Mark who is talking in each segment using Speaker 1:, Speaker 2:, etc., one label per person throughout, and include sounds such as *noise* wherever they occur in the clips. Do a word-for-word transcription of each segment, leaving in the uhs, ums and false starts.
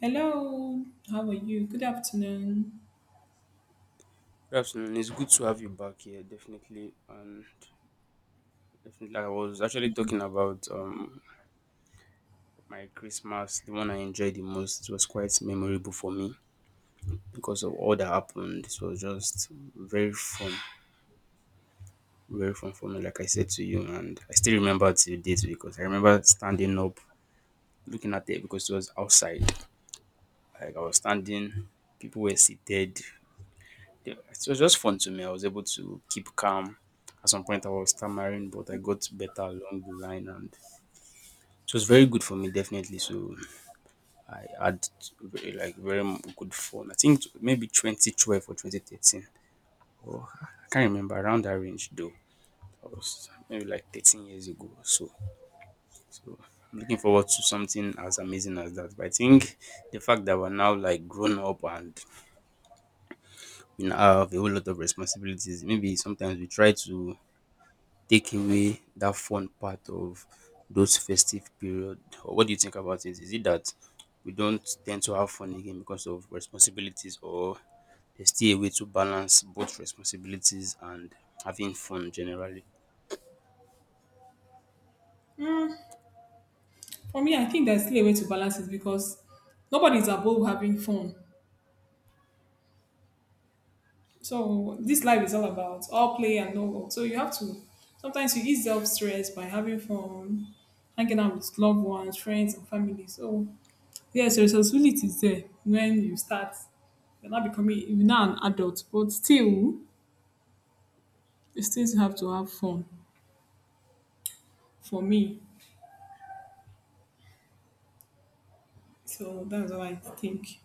Speaker 1: Hello, how are you? Good afternoon.
Speaker 2: Good afternoon. It's good to have you back here, definitely. And definitely, I was actually talking about um my Christmas, the one I enjoyed the most. It was quite memorable for me because of all that happened. It was just very fun, very fun for me, like I said to you. And I still remember till date because I remember standing up, looking at it because it was outside. Like I was standing, people were seated. It was just fun to me. I was able to keep calm. At some point, I was stammering, but I got better along the line, and it was very good for me, definitely. So I had very like very m- good fun. I think t- maybe twenty twelve or two thousand thirteen. Or I can't remember around that range though. That was maybe like thirteen years ago or so. So I'm looking forward to something as amazing as that. But I think the fact that we're now like grown up and we now have a whole lot of responsibilities, maybe sometimes we try to take away that fun part of those festive period. Or what do you think about it? Is it that we don't tend to have fun again because of responsibilities, or there's still a way to balance both responsibilities and having fun generally?
Speaker 1: Mm, for me, I think there's still a way to balance it because nobody's above having fun. So this life is all about all play and no work. So you have to sometimes you ease off stress by having fun, hanging out with loved ones, friends, and family. So yes, responsibility is there when you start. You're not becoming you're now an adult, but still you still have to have fun. For me, so that's what I think.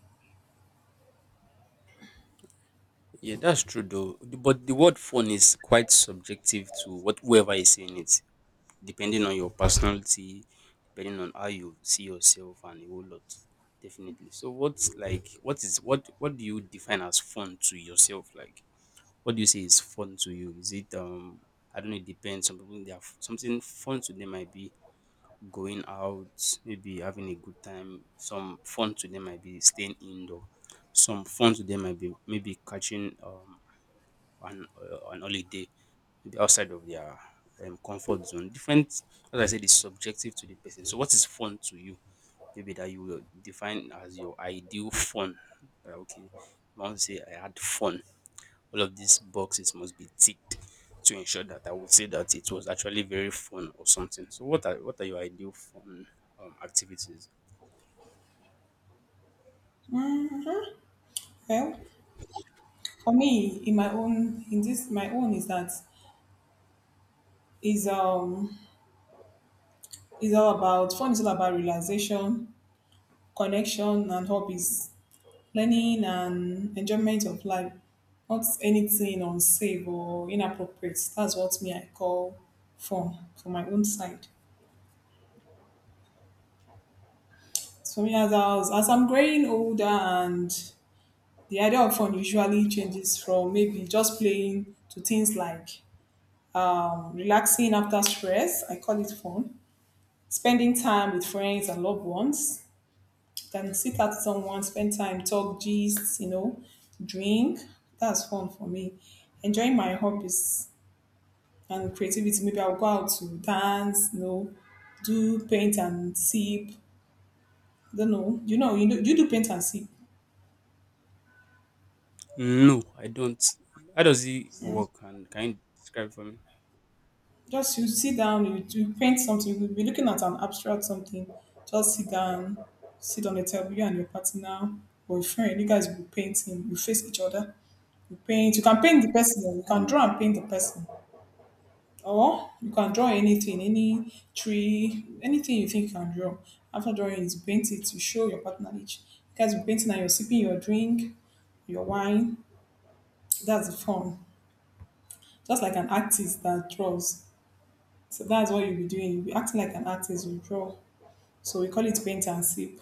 Speaker 2: Yeah, that's true though. The- But the word fun is quite subjective to what whoever is saying it, depending on your personality, depending on how you see yourself and a whole lot. Definitely. So what's like what is what what do you define as fun to yourself? Like what do you say is fun to you? Is it um I don't know, it depends. Some people they have something fun to them might be going out, maybe having a good time. Some fun to them might be staying indoor. Some fun to them might be maybe catching um an uh, an holiday, maybe outside of their um, comfort zone. Different, as I said, is subjective to the person. So what is fun to you, maybe that you will define as your ideal fun? Uh, okay, you want to say I had fun. All of these boxes must be ticked to ensure that I would say that it was actually very fun or something. So what are what are your ideal fun um, activities?
Speaker 1: Well, for me in my own in this my own is that is um is all about fun, is all about realization, connection and hobbies, learning and enjoyment of life, not anything unsafe or inappropriate. That's what me I call fun for my own side. So me as I was, as I'm growing older, and the idea of fun usually changes from maybe just playing to things like um, relaxing after stress, I call it fun, spending time with friends and loved ones. You can sit at someone, spend time, talk, gist, you know, drink. That's fun for me. Enjoying my hobbies and creativity. Maybe I'll go out to dance, you know, do paint and sip. Don't know. You know, you know, you do paint and sip.
Speaker 2: No, I don't. How does it work? And can you describe for me?
Speaker 1: Just you sit down, you, you paint something, you'll be looking at an abstract something. Just sit down, sit on the table, you and your partner or a friend, you guys will be painting, you face each other. You paint. You can paint the person. You can draw and paint the person, or you can draw anything, any tree, anything you think you can draw. After drawing it, you paint it. You show your partner each. You guys be painting and you're sipping your drink, your wine. That's the fun. Just like an artist that draws. So that's what you'll be doing. You'll be acting like an artist. You draw. So we call it paint and sip.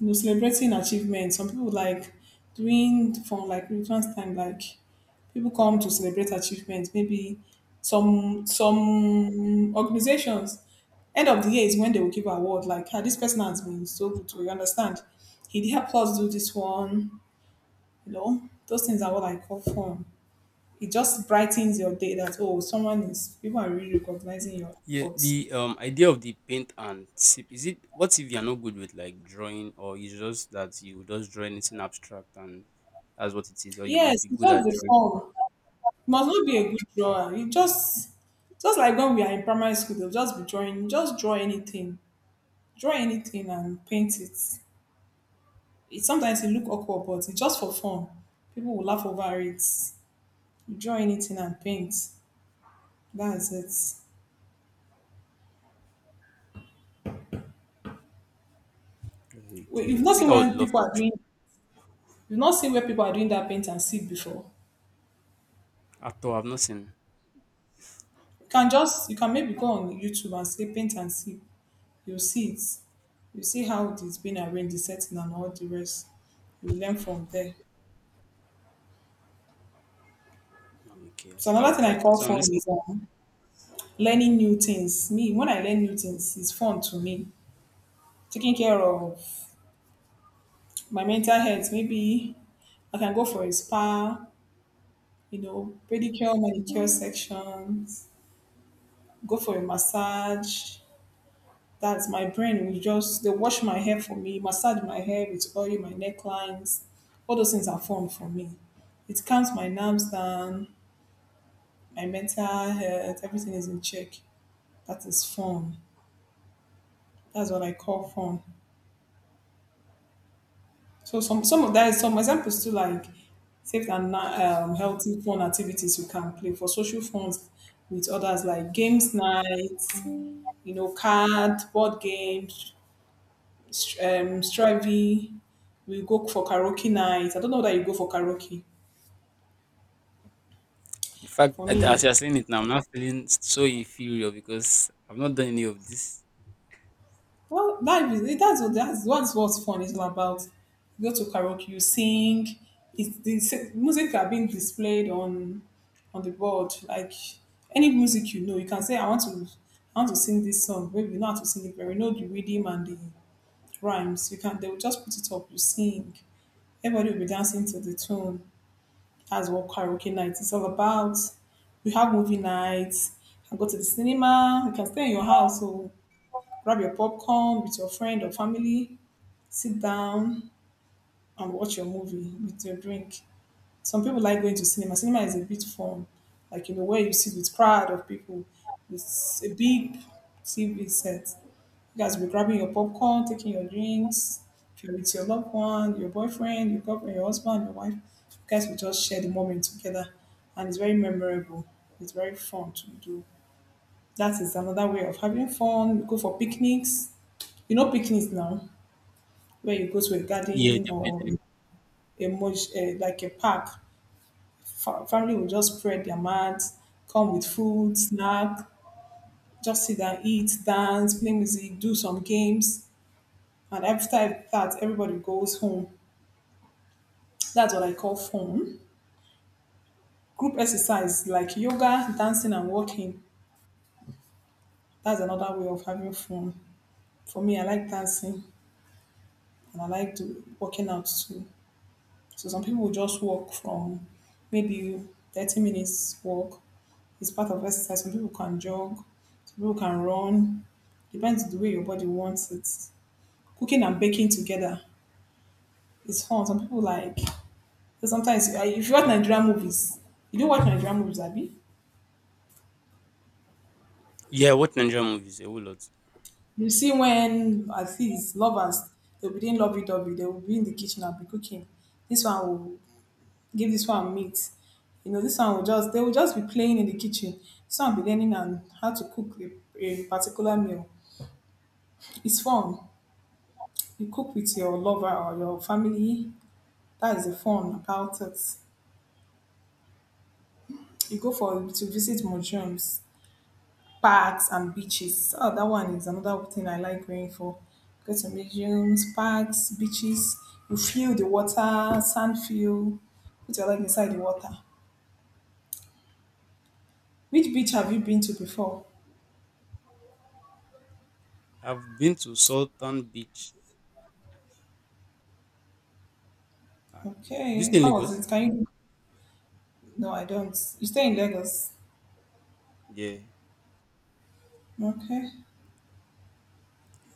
Speaker 1: You know, celebrating achievements. Some people like during from like Christmas time, like people come to celebrate achievements. Maybe some some organizations end of the year is when they will give award. Like ah, this person has been so good, to you understand. He helped us do this one. You know, those things are what I call fun. It just brightens your day that oh, someone is people are really recognizing your
Speaker 2: Yeah,
Speaker 1: efforts.
Speaker 2: the um idea of the paint and sip is, it what if you're not good with like drawing, or you just that you just draw anything abstract and that's what it is, or you must
Speaker 1: Yes,
Speaker 2: be
Speaker 1: it's
Speaker 2: good
Speaker 1: just
Speaker 2: at
Speaker 1: the
Speaker 2: drawing?
Speaker 1: fun. Must not be a good drawer. You just just like when we are in primary school, they'll just be drawing. Just draw anything, draw anything, and paint it. It sometimes it look awkward, but it's just for fun. People will laugh over it. You draw anything and paint. That's it. Wait, you've
Speaker 2: Okay, I
Speaker 1: not
Speaker 2: think
Speaker 1: seen
Speaker 2: I would
Speaker 1: when
Speaker 2: love
Speaker 1: people are
Speaker 2: to
Speaker 1: doing. You've not seen where people are doing that paint and sip before.
Speaker 2: try. After all, I've not seen.
Speaker 1: You can just you can maybe go on YouTube and say paint and sip. You'll see it. You see how it's been arranged, the setting, and all the rest. You learn from there.
Speaker 2: Okay, I
Speaker 1: So
Speaker 2: think I will
Speaker 1: another thing
Speaker 2: try
Speaker 1: I
Speaker 2: that.
Speaker 1: call
Speaker 2: So I'm
Speaker 1: fun
Speaker 2: listening.
Speaker 1: is um, learning new things. Me, when I learn new things, it's fun to me. Taking care of my mental health, maybe I can go for a spa, you know, pedicure, manicure sections, go for a massage. That's my brain. Will just they wash my hair for me, massage my hair with oil, my necklines. All those things are fun for me. It calms my nerves down, my mental health, everything is in check. That is fun. That's what I call fun. So some some of that is some examples too, like safe and na- um, healthy fun activities you can play for social funds with others, like games nights, you know, card, board games, str- um, strivey. We go for karaoke night. I don't know that you go for karaoke.
Speaker 2: The fact,
Speaker 1: For
Speaker 2: as
Speaker 1: me,
Speaker 2: you're saying it now, I'm not feeling so inferior because I've not done any of this.
Speaker 1: well, life is that's what that's what's what fun is all about. You go to karaoke, you sing. It's the s- music are being displayed on on the board. Like any music you know, you can say, "I want to, I want to sing this song." Maybe you know how to sing it, but you know the rhythm and the rhymes. You can. They will just put it up. You sing. Everybody will be dancing to the tune. That's what karaoke night is all about. We have movie nights. You can go to the cinema. You can stay in your house. So grab your popcorn with your friend or family, sit down and watch your movie with your drink. Some people like going to cinema. Cinema is a bit fun, like you know where you sit with crowd of people. It's a big T V set. You guys will be grabbing your popcorn, taking your drinks. If you're with your loved one, your boyfriend, your girlfriend, your husband, your wife, you guys will just share the moment together, and it's very memorable. It's very fun to do. That is another way of having fun. You go for picnics. You know picnics now, where you go to a
Speaker 2: Yeah,
Speaker 1: garden or
Speaker 2: definitely.
Speaker 1: emoji, uh, like a park, Fa- family will just spread their mats, come with food, snack, just sit and eat, dance, play music, do some games. And after that, everybody goes home. That's what I call fun. Group exercise like yoga, dancing, and walking. That's another way of having fun. For me, I like dancing and I like do working out too. So some people will just walk from maybe thirty minutes walk. It's part of exercise. Some people can jog, some people can run. Depends the way your body wants it. Cooking and baking together is fun. Some people like so sometimes uh, if you watch Nigerian movies, you don't watch Nigerian movies, Abby.
Speaker 2: Yeah, what Nigerian movies? A whole lot.
Speaker 1: You see when at least lovers they'll be doing lovey dovey, they will be in the kitchen and be cooking. This one will give this one meat. You know, this one will just, they will just be playing in the kitchen. This one will be learning and how to cook a, a particular meal. It's fun. You cook with your lover or your family. That is the fun about it. You go for to visit museums, parks, and beaches. Oh, that one is another thing I like going for. Go to museums, parks, beaches. You feel the water, sand feel. Put your leg inside the water. Which beach have you been to before?
Speaker 2: I've been to Sultan Beach. Uh, this
Speaker 1: Okay,
Speaker 2: in
Speaker 1: how was
Speaker 2: Lagos?
Speaker 1: it? Can you no, I don't. You stay in Lagos.
Speaker 2: Yeah.
Speaker 1: Okay.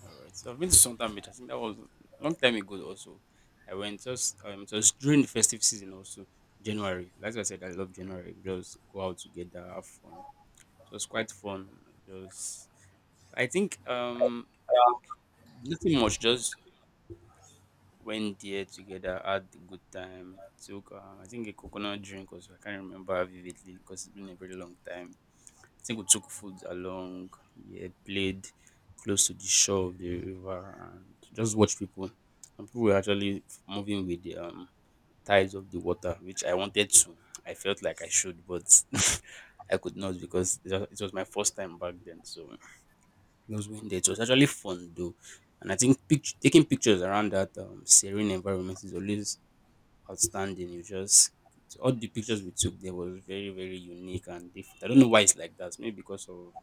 Speaker 2: All right. So I've been to Sultan Beach. I think that was a long time ago. Also, I went, just um it was during the festive season. Also January. That's why I said I love January. We just go out together, have fun. It was quite fun. Just, I think, um nothing much. Just went there together, had a good time, took uh, I think a coconut drink also. I can't remember vividly because it's been a very long time. I think we took food along, yeah, played close to the shore of the river and just watch people. And people were actually f- moving with the um tides of the water, which I wanted to. I felt like I should, but *laughs* I could not because it was it was my first time back then. So those windows. It was actually fun though, and I think pict- taking pictures around that um, serene environment is always outstanding. You just All the pictures we took there was very very unique and different. I don't know why it's like that. Maybe because of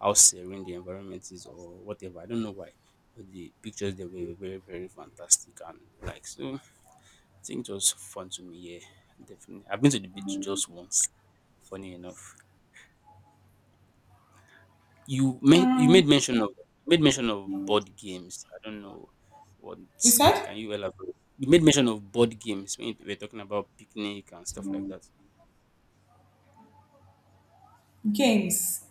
Speaker 2: how serene the environment is or whatever. I don't know why. But the pictures there were very, very fantastic, and like so I think it was fun to me, yeah. Definitely. I've been to the beach just once, funny enough. You made you made mention of made mention of board games. I don't know what.
Speaker 1: You
Speaker 2: Like,
Speaker 1: said
Speaker 2: can you elaborate? You made mention of board games when you we're talking about picnic and stuff like that.
Speaker 1: games.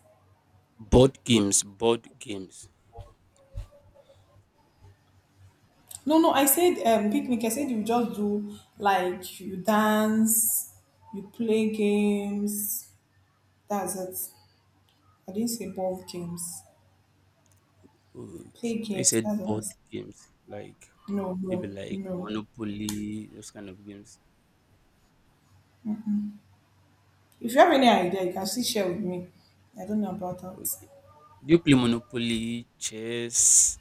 Speaker 2: Board games, board games.
Speaker 1: No, no, I said um, picnic. I said you just do like you dance, you play games. That's it. I didn't say ball games. Play
Speaker 2: Okay, I thought you
Speaker 1: games. That's
Speaker 2: said
Speaker 1: what I
Speaker 2: board
Speaker 1: said.
Speaker 2: games, like
Speaker 1: No,
Speaker 2: maybe
Speaker 1: no,
Speaker 2: like
Speaker 1: no.
Speaker 2: Monopoly, those kind of games.
Speaker 1: If you have any idea, you can still share with me. I don't know about that.
Speaker 2: Okay. Do you play Monopoly, chess,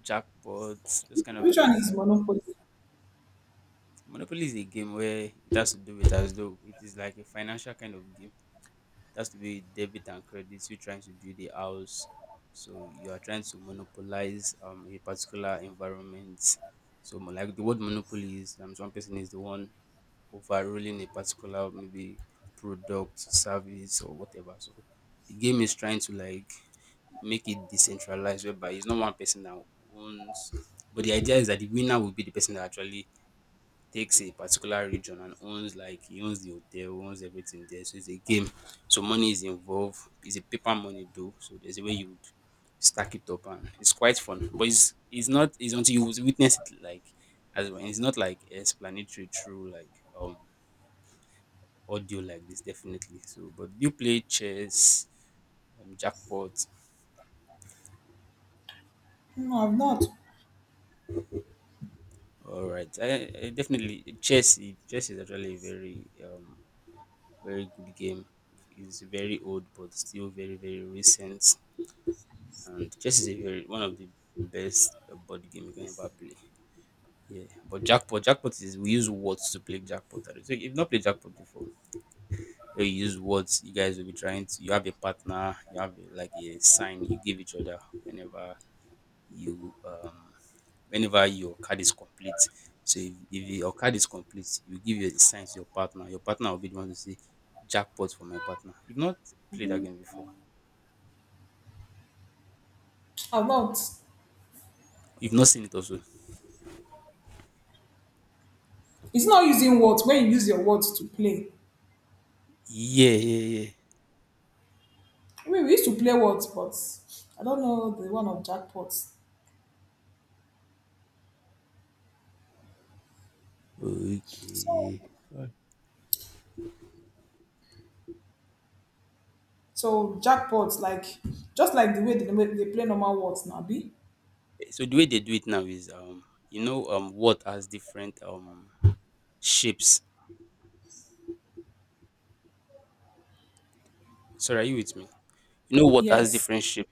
Speaker 2: jackpots, those kind of
Speaker 1: Which one is
Speaker 2: games?
Speaker 1: Monopoly?
Speaker 2: Monopoly is a game where it has to do with, as though it is like a financial kind of game. It has to be debit and credit, you trying to build a house, so you are trying to monopolize um a particular environment. So mo- like the word monopoly is, um, one person is the one overruling a particular, maybe, product, service, or whatever, so the game is trying to, like, make it decentralized, whereby it's not one person that owns, but the idea is that the winner will be the person that actually takes a particular region and owns, like he owns the hotel, owns everything there. So it's a game. So money is involved. It's a paper money though. So there's a way you would stack it up, and it's quite fun. But it's it's not it's until you witness it, like, as well. It's not like explanatory through like um audio like this, definitely. So but do you play chess, um, jackpot?
Speaker 1: No, I've not.
Speaker 2: All right, I, I definitely chess. Chess is actually a very um Very good game. It's very old, but still very very recent. And chess is a very one of the best uh, board game you can ever play. Yeah, but jackpot, jackpot is we use words to play jackpot. So if you've not played jackpot before, eh, you use words. You guys will be trying to. You have a partner. You have a, like a sign you give each other whenever you um whenever your card is complete. So if, if your card is complete, you give your sign to your partner. Your partner will be the one to say jackpot for my partner. You've not played that game before.
Speaker 1: I've not.
Speaker 2: You've not seen it also.
Speaker 1: It's not using words when you use your words to play.
Speaker 2: Yeah, yeah, yeah.
Speaker 1: I mean, we used to play what, but I don't know the one of jackpots. So,
Speaker 2: Okay. Alright.
Speaker 1: so jackpots, like just like the way they, they play normal words now, be
Speaker 2: So the way they do it now is um you know um what has different um shapes. Sorry, are you with me? You know what has
Speaker 1: yes.
Speaker 2: different shapes.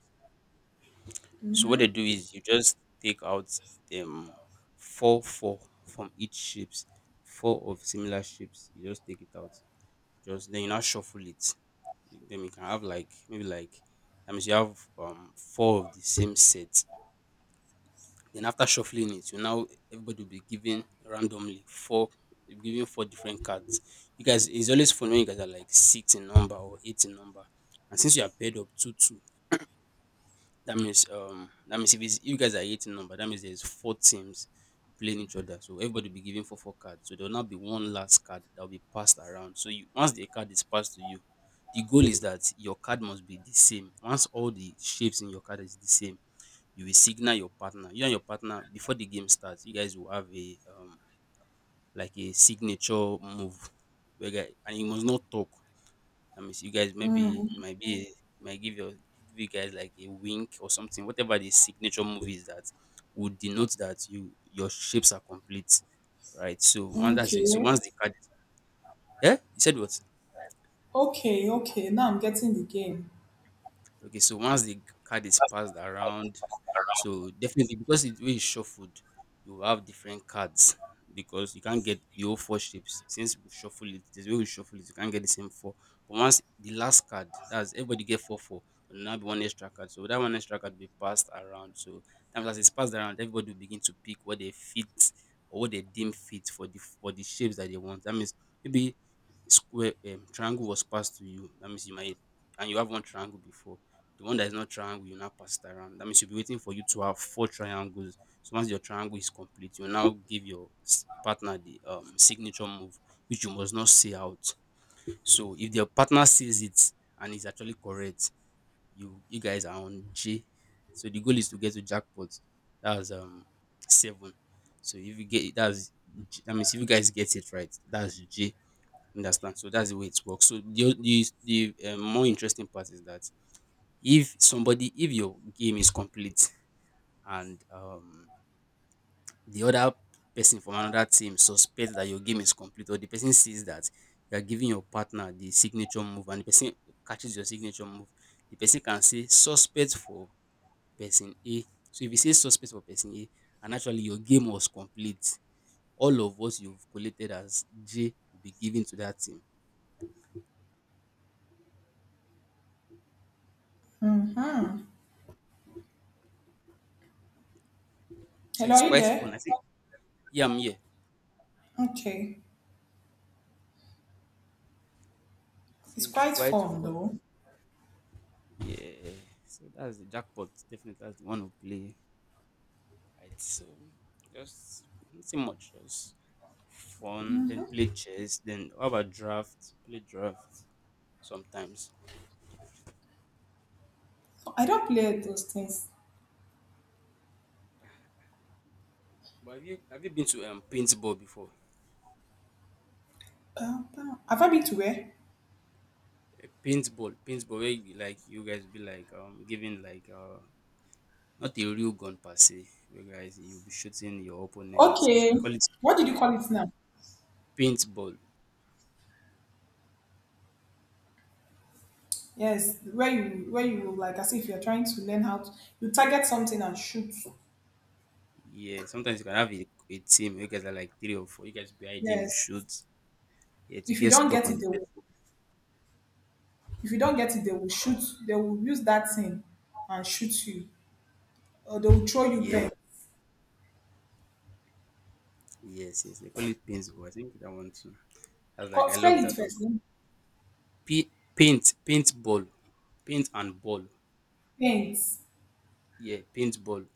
Speaker 2: So what they do is you just take out um four four from each shapes, four of similar shapes. You just take it out. Just then you now shuffle it. Then you can have like maybe like that means you have um four of the same set. Then after shuffling it, you now everybody will be given randomly four you'll be given four different cards. You guys, it's always fun when you guys are like six in number or eight in number. And since you are paired up two two, that means um that means if it's, you guys are eighteen number, that means there's four teams playing each other. So everybody will be given four four cards. So there will now be one last card that will be passed around. So you once the card is passed to you, the goal is that your card must be the same. Once all the shapes in your card is the same, you will signal your partner. You and your partner, before the game starts, you guys will have a um like a signature move. where guy- And you must not talk. That means you guys maybe it might be a, might give your give you guys like a wink or something, whatever the signature move is, that would denote that you your shapes are complete, right? So once that's it. So
Speaker 1: Okay,
Speaker 2: once the card, yeah, you said what?
Speaker 1: okay, okay. Now I'm getting the game.
Speaker 2: Okay, so once the card is passed around, so definitely because it way is shuffled, you will have different cards because you can't get the whole four shapes. Since we shuffle it, there's way we shuffle it, you can't get the same four. But once the last card, that's everybody get four four, four, there'll now be one extra card. So that one extra card will be passed around. So times as it's passed around, everybody will begin to pick what they fit or what they deem fit for the for the shapes that they want. That means maybe square um, triangle was passed to you. That means you might and you have one triangle before the one that is not triangle, you now pass it around. That means you'll be waiting for you to have four triangles. So once your triangle is complete, you now give your s- partner the um signature move, which you must not say out. So if your partner sees it and is actually correct, you you guys are on J. So the goal is to get to jackpot. That's um seven. So if you get that's J- that means if you guys get it right, that's J. Understand? So that's the way it works. So the o- the, the um, more interesting part is that if somebody if your game is complete and um the other person from another team suspects that your game is complete, or the person sees that you are giving your partner the signature move and the person catches your signature move, the person can say suspect for person A. So if you say suspect for person A and actually your game was complete, all of what you've collected as J will be given to that team.
Speaker 1: Mm-hmm.
Speaker 2: So
Speaker 1: Hello,
Speaker 2: it's
Speaker 1: are you
Speaker 2: quite fun. I
Speaker 1: there?
Speaker 2: think, yeah, I'm here.
Speaker 1: Okay,
Speaker 2: So
Speaker 1: it's
Speaker 2: it's
Speaker 1: quite
Speaker 2: quite
Speaker 1: fun
Speaker 2: fun.
Speaker 1: though.
Speaker 2: Yeah, so that's the jackpot. Definitely, that's the one we play. Right, so just nothing much, just fun. Then play chess. Then how about draft? Play draft sometimes.
Speaker 1: I don't play those things.
Speaker 2: But have you have you been to um paintball before?
Speaker 1: Uh, uh, Have I been to where?
Speaker 2: Eh, paintball, paintball. Where you, like you guys be like um giving like uh not a real gun per se. You guys you'll be shooting your opponent.
Speaker 1: Okay,
Speaker 2: You call it
Speaker 1: what did you call it now?
Speaker 2: paintball.
Speaker 1: Yes, where you where you like as if you're trying to learn how to you target something and shoot.
Speaker 2: Yeah, sometimes you can have a, a team. You guys are like three or four. You guys be hiding. You
Speaker 1: Yes.
Speaker 2: shoot. Yeah, to
Speaker 1: if you
Speaker 2: get
Speaker 1: don't
Speaker 2: stuck
Speaker 1: get
Speaker 2: on
Speaker 1: it
Speaker 2: the
Speaker 1: they will,
Speaker 2: person.
Speaker 1: if you don't get it they will shoot, they will use that thing and shoot you, or they will throw you
Speaker 2: Yeah,
Speaker 1: paint.
Speaker 2: yes, yes, they call it paintball. I think that one too. I was like,
Speaker 1: Co-
Speaker 2: I
Speaker 1: spell
Speaker 2: love
Speaker 1: it
Speaker 2: that also.
Speaker 1: first then.
Speaker 2: P- paint, paintball, paint and ball.
Speaker 1: Paint,
Speaker 2: Yeah, paintball.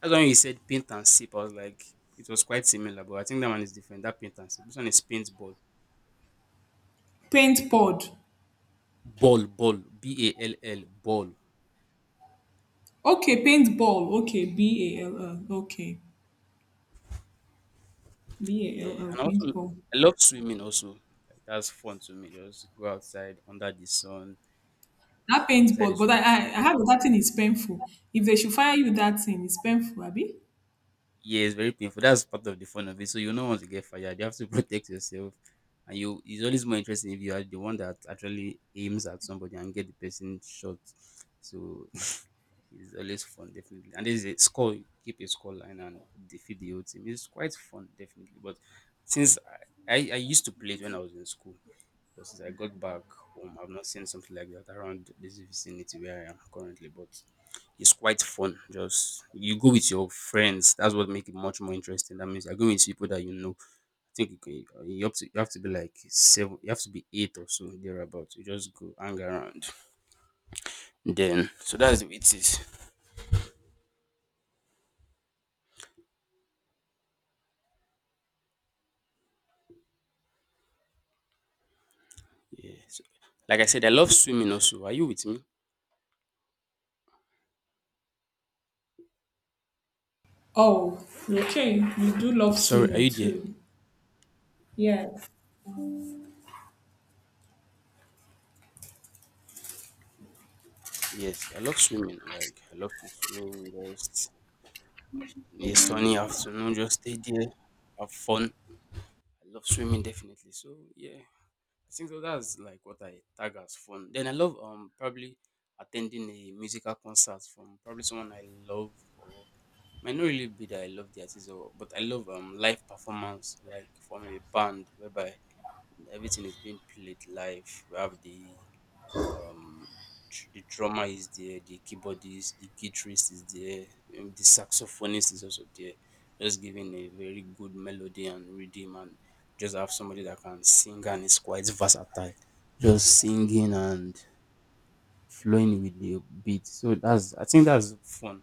Speaker 2: That's when you said paint and sip. I was like, it was quite similar, but I think that one is different. That paint and sip. This one is paintball,
Speaker 1: paint pod,
Speaker 2: ball, ball, B A L L, ball.
Speaker 1: okay, paint ball, okay, B A L L, okay,
Speaker 2: Yeah,
Speaker 1: B A L L,
Speaker 2: and also
Speaker 1: paint ball.
Speaker 2: I love swimming. Also, like, that's fun to me. Just go outside under the sun,
Speaker 1: That
Speaker 2: stay
Speaker 1: paint
Speaker 2: inside
Speaker 1: ball,
Speaker 2: the
Speaker 1: but i
Speaker 2: swimming.
Speaker 1: i, I have that thing is painful. If they should fire you that thing it's painful, Abby.
Speaker 2: Yeah, it's very painful. That's part of the fun of it. So you don't want to get fired. You have to *laughs* protect yourself. And you, it's always more interesting if you are the one that actually aims at somebody and get the person shot. So *laughs* it's always fun, definitely. And there's a score, you keep a score line and defeat the whole team. It's quite fun, definitely. But since I, I, I used to play it when I was in school. But since I got back home, I've not seen something like that around this vicinity where I am currently. But it's quite fun. Just you go with your friends. That's what makes it much more interesting. That means you're going with people that you know. I think you, can, you have to you have to be like seven. You have to be eight or so thereabouts. You just go hang around. Then so that's the way it is. Yeah. So, like I said, I love swimming also. Are you with me?
Speaker 1: Oh okay, you do love
Speaker 2: Sorry, are
Speaker 1: swimming
Speaker 2: you there?
Speaker 1: too. Yes.
Speaker 2: Yes, I love swimming. Like I love to swim. Just a sunny afternoon, just stay there, have fun. I love swimming definitely. So yeah, I think so that's like what I tag as fun. Then I love um probably attending a musical concert from probably someone I love, or might not really be that I love the artist, or but I love um live performance like from a band whereby everything is being played live. We have the um tr- the drummer is there, the keyboardist, the guitarist is there, um, the saxophonist is also there, just giving a very good melody and rhythm, and just have somebody that can sing and is quite versatile, just singing and flowing with the beat. So that's, I think that's fun.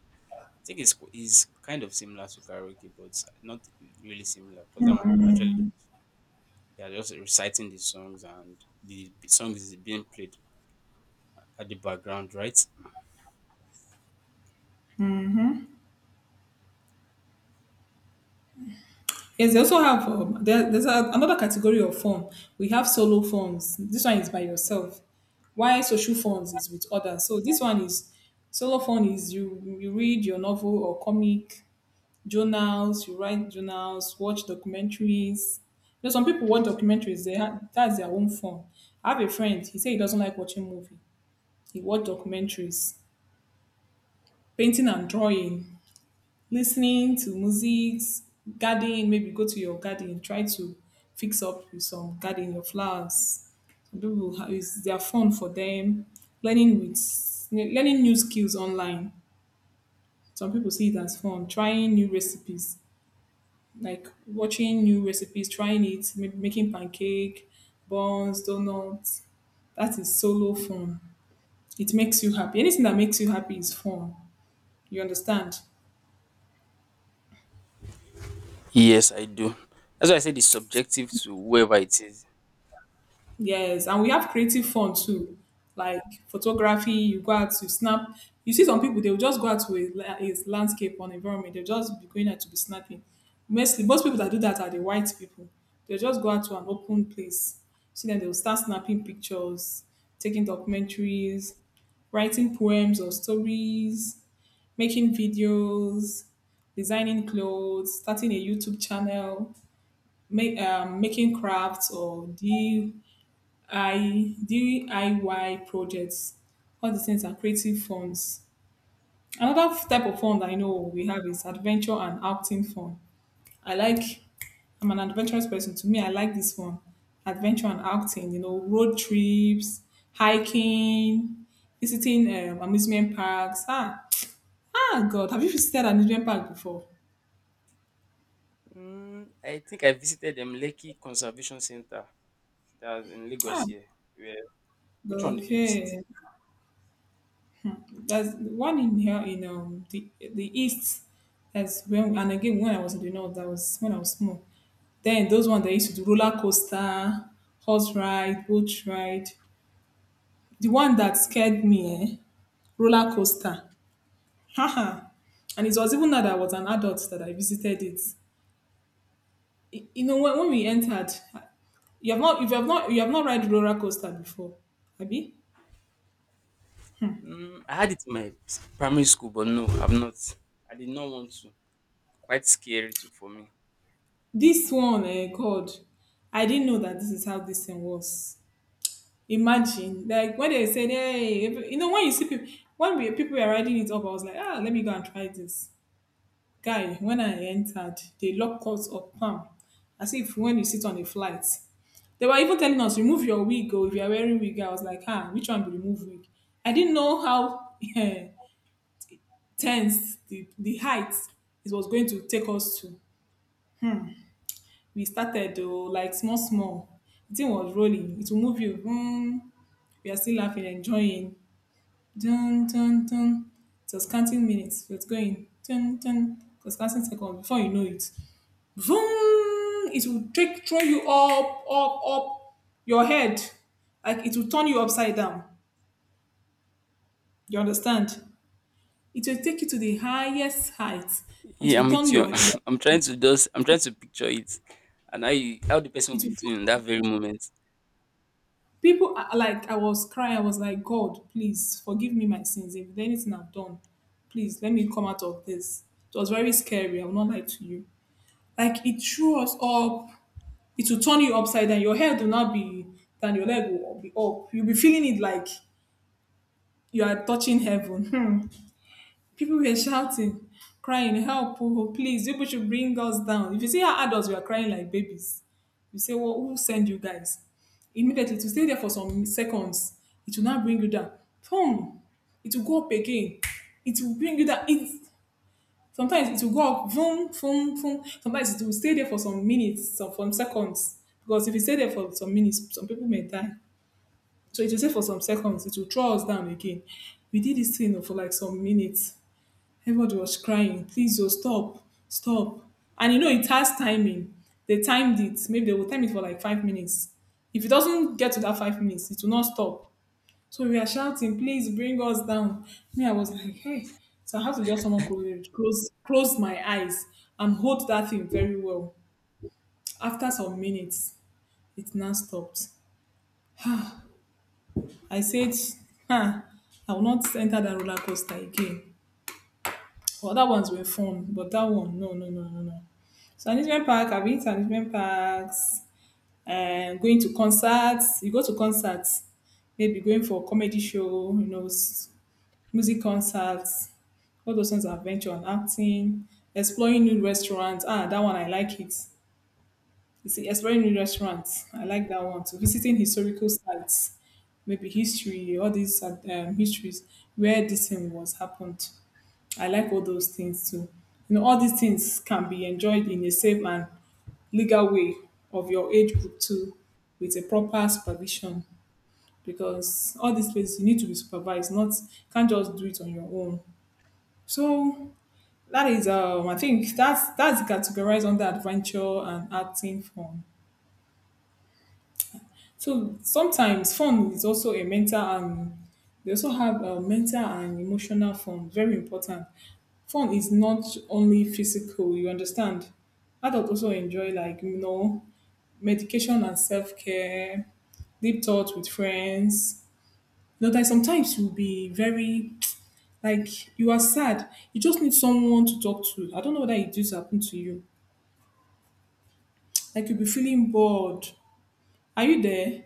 Speaker 2: I think it's is kind of similar to karaoke, but not really similar because that one, you actually, they are just reciting the songs and the song is being played at the background, right?
Speaker 1: Yes, they also have um, there, there's a, another category of form. We have solo forms. This one is by yourself. Why social forms is with others. So this one is solo form is you you read your novel or comic journals. You write journals, watch documentaries. You know, some people watch documentaries. They have, that's their own form. I have a friend. He said he doesn't like watching movie. He watch documentaries, painting and drawing, listening to music, gardening, maybe go to your garden, try to fix up with some garden, your flowers. Some people ha- is they are fun for them. Learning with learning new skills online. Some people see it as fun. Trying new recipes, like watching new recipes, trying it, ma- making pancake, buns, donuts. That is solo fun. It makes you happy. Anything that makes you happy is fun. You understand?
Speaker 2: Yes, I do. That's why I said it's subjective to whoever it is.
Speaker 1: Yes, and we have creative fun too, like photography. You go out to snap. You see some people, they will just go out to a, la- a landscape or environment. They'll just be going out to be snapping. Mostly, most people that do that are the white people. They'll just go out to an open place. See, then they'll start snapping pictures, taking documentaries, writing poems or stories, making videos, designing clothes, starting a YouTube channel, make, um, making crafts or D I D I Y projects. All these things are creative forms. Another f- type of fun that I know we have is adventure and outing fun. I like, I'm an adventurous person. To me, I like this one. Adventure and outing, you know, road trips, hiking, visiting um, amusement parks. Ah, ah, God, have you visited an amusement park before?
Speaker 2: Mm, I think I visited the Lekki Conservation Center that was in Lagos
Speaker 1: Ah,
Speaker 2: here. Where, which one did you visit?
Speaker 1: okay. There's one in here in um the the east. That's when and again when I was in the north, that was when I was small. Then those ones they used to do roller coaster, horse ride, boat ride. The one that scared me, eh? Roller coaster. Haha. And it was even now that I was an adult that I visited it. Y- You know when, when we entered, you have not if you have not you have not ride roller coaster before, Abi?
Speaker 2: Mm, I had it in my primary school, but no, I've not. I did not want to. Quite scary too for me.
Speaker 1: This one, eh, God, I didn't know that this is how this thing was. Imagine, like when they said, "Hey," if- you know, when you see people, when we, people were riding it up, I was like, "Ah, let me go and try this." Guy, when I entered, they locked us up, palm, as if when you sit on a flight. They were even telling us, "Remove your wig, or if you are wearing wig." I was like, "Ah, which one to remove wig?" I didn't know how *laughs* tense the the height it was going to take us to. We started though, like small, small. The thing was rolling. It will move you. Mm, we are still laughing, enjoying. Dun dun dun. It was counting minutes. It was going dun dun. It was counting seconds. Before you know it, vroom! It will take throw you up, up, up your head. Like it will turn you upside down. You understand? It will take you to the highest height. It
Speaker 2: Yeah,
Speaker 1: will
Speaker 2: I'm
Speaker 1: turn
Speaker 2: with you.
Speaker 1: your. It will.
Speaker 2: *laughs* I'm trying to just. I'm trying to picture it, and how you, how the person will be
Speaker 1: Turn,
Speaker 2: feeling in that very moment.
Speaker 1: people are like I was crying. I was like, God, please forgive me my sins. If there's anything I've done, please let me come out of this. It was very scary. I will not lie to you. Like it threw us up. It will turn you upside down. Your head will not be down. Your leg will be up. You'll be feeling it like you are touching heaven. Hmm. People were shouting, crying, help, oh, please, people should bring us down. If you see how adults were crying like babies, you say, well, who send you guys? Immediately, to stay there for some seconds, it will not bring you down. Boom! It will go up again. It will bring you down. It's Sometimes it will go up, boom, boom, boom. Sometimes it will stay there for some minutes, some from seconds. Because if it stay there for some minutes, some people may die. So it will stay for some seconds. It will throw us down again. We did this thing for like some minutes. Everybody was crying, please, oh, stop, stop. And you know, it has timing. They timed it. Maybe they will time it for like five minutes. If it doesn't get to that five minutes, it will not stop. So we are shouting, please bring us down. Me, I was like, hey. So I have to just someone close, it, close, close my eyes and hold that thing very well. After some minutes, it now stopped. I said, ha, I will not enter that roller coaster again. Other ones were fun, but that one, no, no, no, no, no. So amusement park, I've been to amusement parks, and going to concerts. You go to concerts, maybe going for a comedy show, you know, s- music concerts all those ones adventure and acting, exploring new restaurants. Ah, that one I like it. You see, exploring new restaurants, I like that one. So visiting historical sites, maybe history, all these uh, um, histories where this thing was happened. I like all those things too. You know, all these things can be enjoyed in a safe and legal way of your age group too, with a proper supervision. Because all these places you need to be supervised, not can't just do it on your own. So that is, um, I think that's that's categorized under adventure and acting fun. So sometimes fun is also a mental and they also have uh, mental and emotional fun. Very important. Fun is not only physical. You understand? Adults also enjoy like you know medication and self care, deep thoughts with friends. You know, that sometimes you'll be very *tsk* like you are sad. You just need someone to talk to. I don't know whether it just happened to you. I could be feeling bored. Are you there?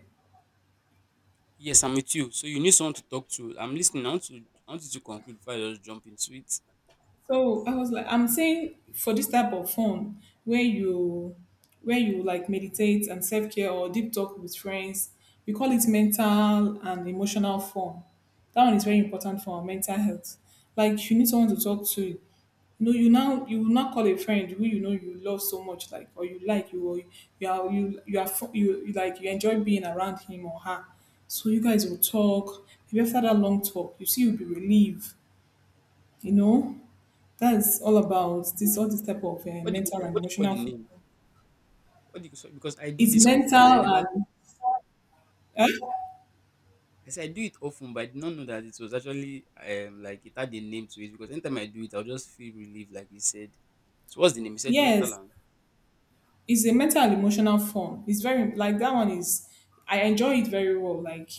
Speaker 2: Yes, I'm with you. So you need someone to talk to. I'm listening. I want to. I want you to conclude before I just jump into it.
Speaker 1: So I was like, I'm saying for this type of fun where you where you like meditate and self care or deep talk with friends, we call it mental and emotional fun. That one is very important for our mental health. Like you need someone to talk to. No, you now you will not call a friend who you know you love so much, like or you like you or you are you you are fu- you, you like you enjoy being around him or her. So you guys will talk. Maybe after that long talk, you see you'll be relieved, you know that's all about this, all this type of uh,
Speaker 2: What do you,
Speaker 1: mental
Speaker 2: sorry,
Speaker 1: and
Speaker 2: what do you call
Speaker 1: emotional.
Speaker 2: the
Speaker 1: Food.
Speaker 2: name? What do you say? Because I do
Speaker 1: It's
Speaker 2: this often.
Speaker 1: mental
Speaker 2: I never.
Speaker 1: and eh?
Speaker 2: I say I do it often, but I did not know that it was actually um like it had a name to it. Because anytime I do it, I'll just feel relieved, like you said. So what's the name? You said mental
Speaker 1: Yes,
Speaker 2: and.
Speaker 1: it's a mental and emotional form. It's very like that one is. I enjoy it very well. Like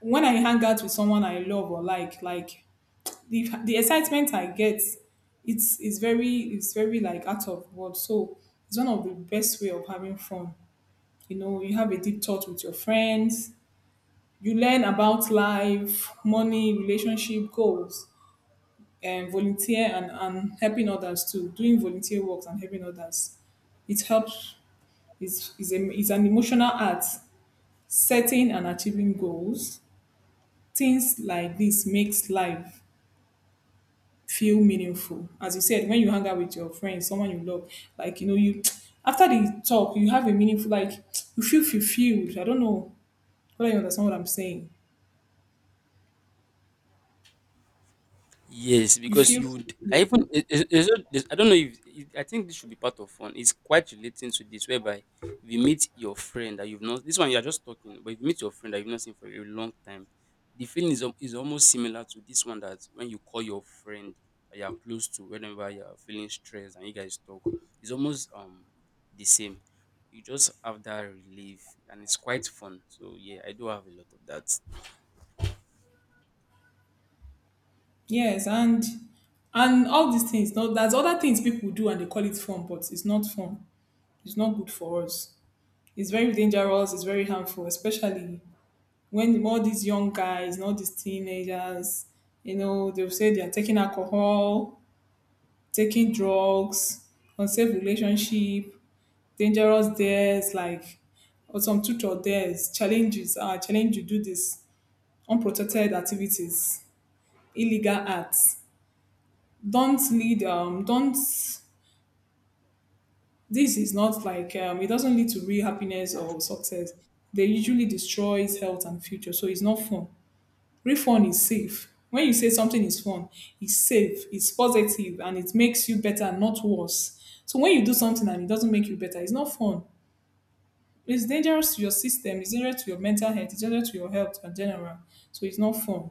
Speaker 1: when I hang out with someone I love or like, like the the excitement I get, it's it's very it's very like out of words. So it's one of the best way of having fun. You know, you have a deep talk with your friends. You learn about life, money, relationship, goals um, volunteer and, and helping others too. Doing volunteer works and helping others, it helps. It's, it's, a, it's an emotional art. Setting and achieving goals, things like this makes life feel meaningful. As you said, when you hang out with your friends, someone you love, like you know, you *tsk* after the talk, you have a meaningful like *tsk* you feel fulfilled. I don't know whether you understand what I'm saying.
Speaker 2: Yes,
Speaker 1: You
Speaker 2: because
Speaker 1: feel
Speaker 2: you would. I
Speaker 1: fulfilled.
Speaker 2: even it- it- it's not- it's- I don't know if it, I think this should be part of fun. It's quite relating to this, whereby if you meet your friend that you've not, this one you are just talking, but if you meet your friend that you've not seen for a long time, the feeling is al- is almost similar to this one, that when you call your friend that you are close to, whenever you are feeling stressed and you guys talk, it's almost um the same. You just have that relief, and it's quite fun. So yeah, I do have a lot of that.
Speaker 1: Yes, and and all these things. Now, there's other things people do and they call it fun, but it's not fun. It's not good for us. It's very dangerous. It's very harmful, especially when all these young guys, all these teenagers, you know, they'll say they're taking alcohol, taking drugs, unsafe relationship, dangerous dares, like or some tutor dares, challenges, uh, challenge you do this, unprotected activities, illegal acts. Don't lead. Um, don't This is not like um, it doesn't lead to real happiness or success. They usually destroys health and future, so it's not fun. Real fun is safe. When you say something is fun, it's safe, it's positive, and it makes you better, not worse. So when you do something and it doesn't make you better, it's not fun. It's dangerous to your system. It's dangerous to your mental health. It's dangerous to your health in general. So it's not fun.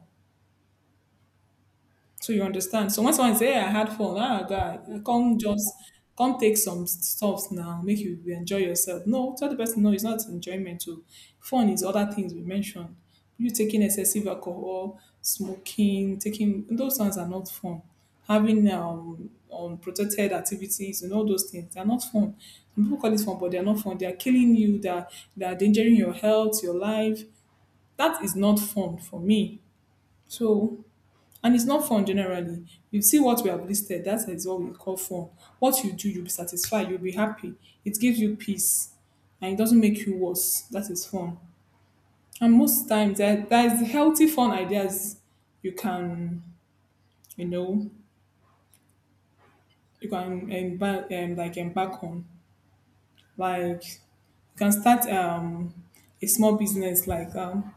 Speaker 1: So you understand. So when someone say, "Hey, I had fun, ah, guy, come just come take some stuff now, make you enjoy yourself." No, tell the person no, it's not enjoyment. Too fun is other things we mentioned. You taking excessive alcohol, smoking, taking those ones are not fun. Having um, unprotected activities and all those things, they're not fun. Some people call it fun, but they're not fun. They are killing you. They're they're endangering your health, your life. That is not fun for me. So and it's not fun generally. You see what we have listed, that is what we call fun. What you do, you'll be satisfied, you'll be happy. It gives you peace and it doesn't make you worse. That is fun. And most times there, there is healthy fun ideas you can, you know, you can embark um, like embark on. Like you can start um a small business like um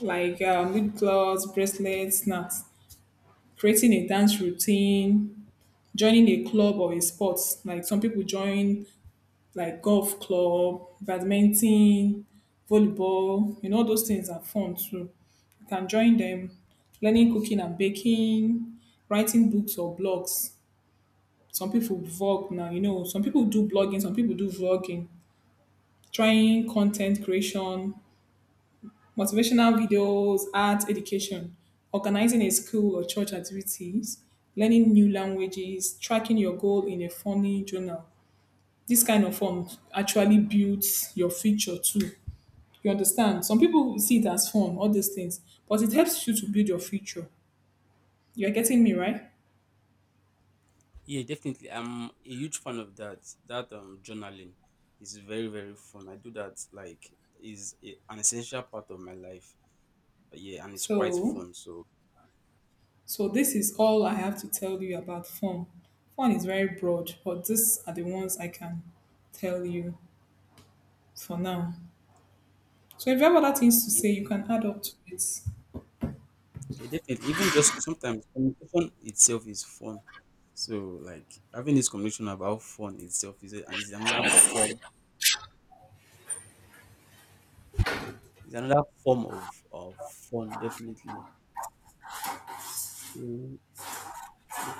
Speaker 1: like um, lip gloss, bracelets, snacks, creating a dance routine, joining a club or a sport. Like some people join like golf club, badminton, volleyball, you know, all those things are fun too. You can join them, learning cooking and baking, writing books or blogs. Some people vlog now, you know, some people do blogging, some people do vlogging, trying content creation, motivational videos, art education, organizing a school or church activities, learning new languages, tracking your goal in a funny journal. This kind of form actually builds your future too. You understand? Some people see it as fun, all these things, but it helps you to build your future. You're getting me, right?
Speaker 2: Yeah, definitely. I'm a huge fan of that. That um journaling is very very fun. I do that like, is a- an essential part of my life. Uh, Yeah, and it's quite
Speaker 1: So,
Speaker 2: fun. So
Speaker 1: so this is all I have to tell you about fun. Fun is very broad, but these are the ones I can tell you for now. So, if you have other things to
Speaker 2: yeah,
Speaker 1: say, you can add up to it.
Speaker 2: yeah, definitely. Even just sometimes communication itself is fun. So like having this conversation about fun itself is a, and it's another form. It's another form of of fun. Definitely. So, yeah,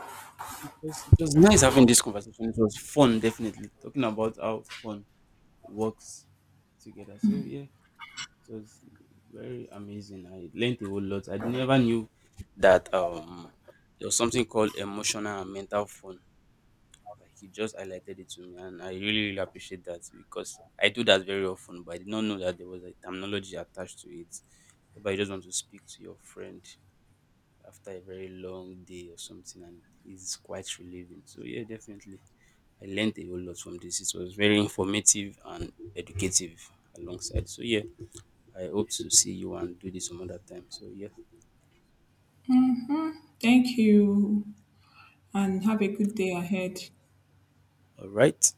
Speaker 2: it was, it was nice having this conversation. It was fun, definitely. Talking about how fun works together. So yeah, it was very amazing. I learned a whole lot. I never knew that um there was something called emotional and mental fun. Like he just highlighted it to me, and I really really appreciate that because I do that very often, but I did not know that there was a terminology attached to it. But you just want to speak to your friend after a very long day or something, and it's quite relieving. So yeah, definitely. I learned a whole lot from this. It was very informative and educative alongside. So yeah, I hope to see you and do this some other time. So yeah,
Speaker 1: Thank you, and have a good day ahead.
Speaker 2: all right.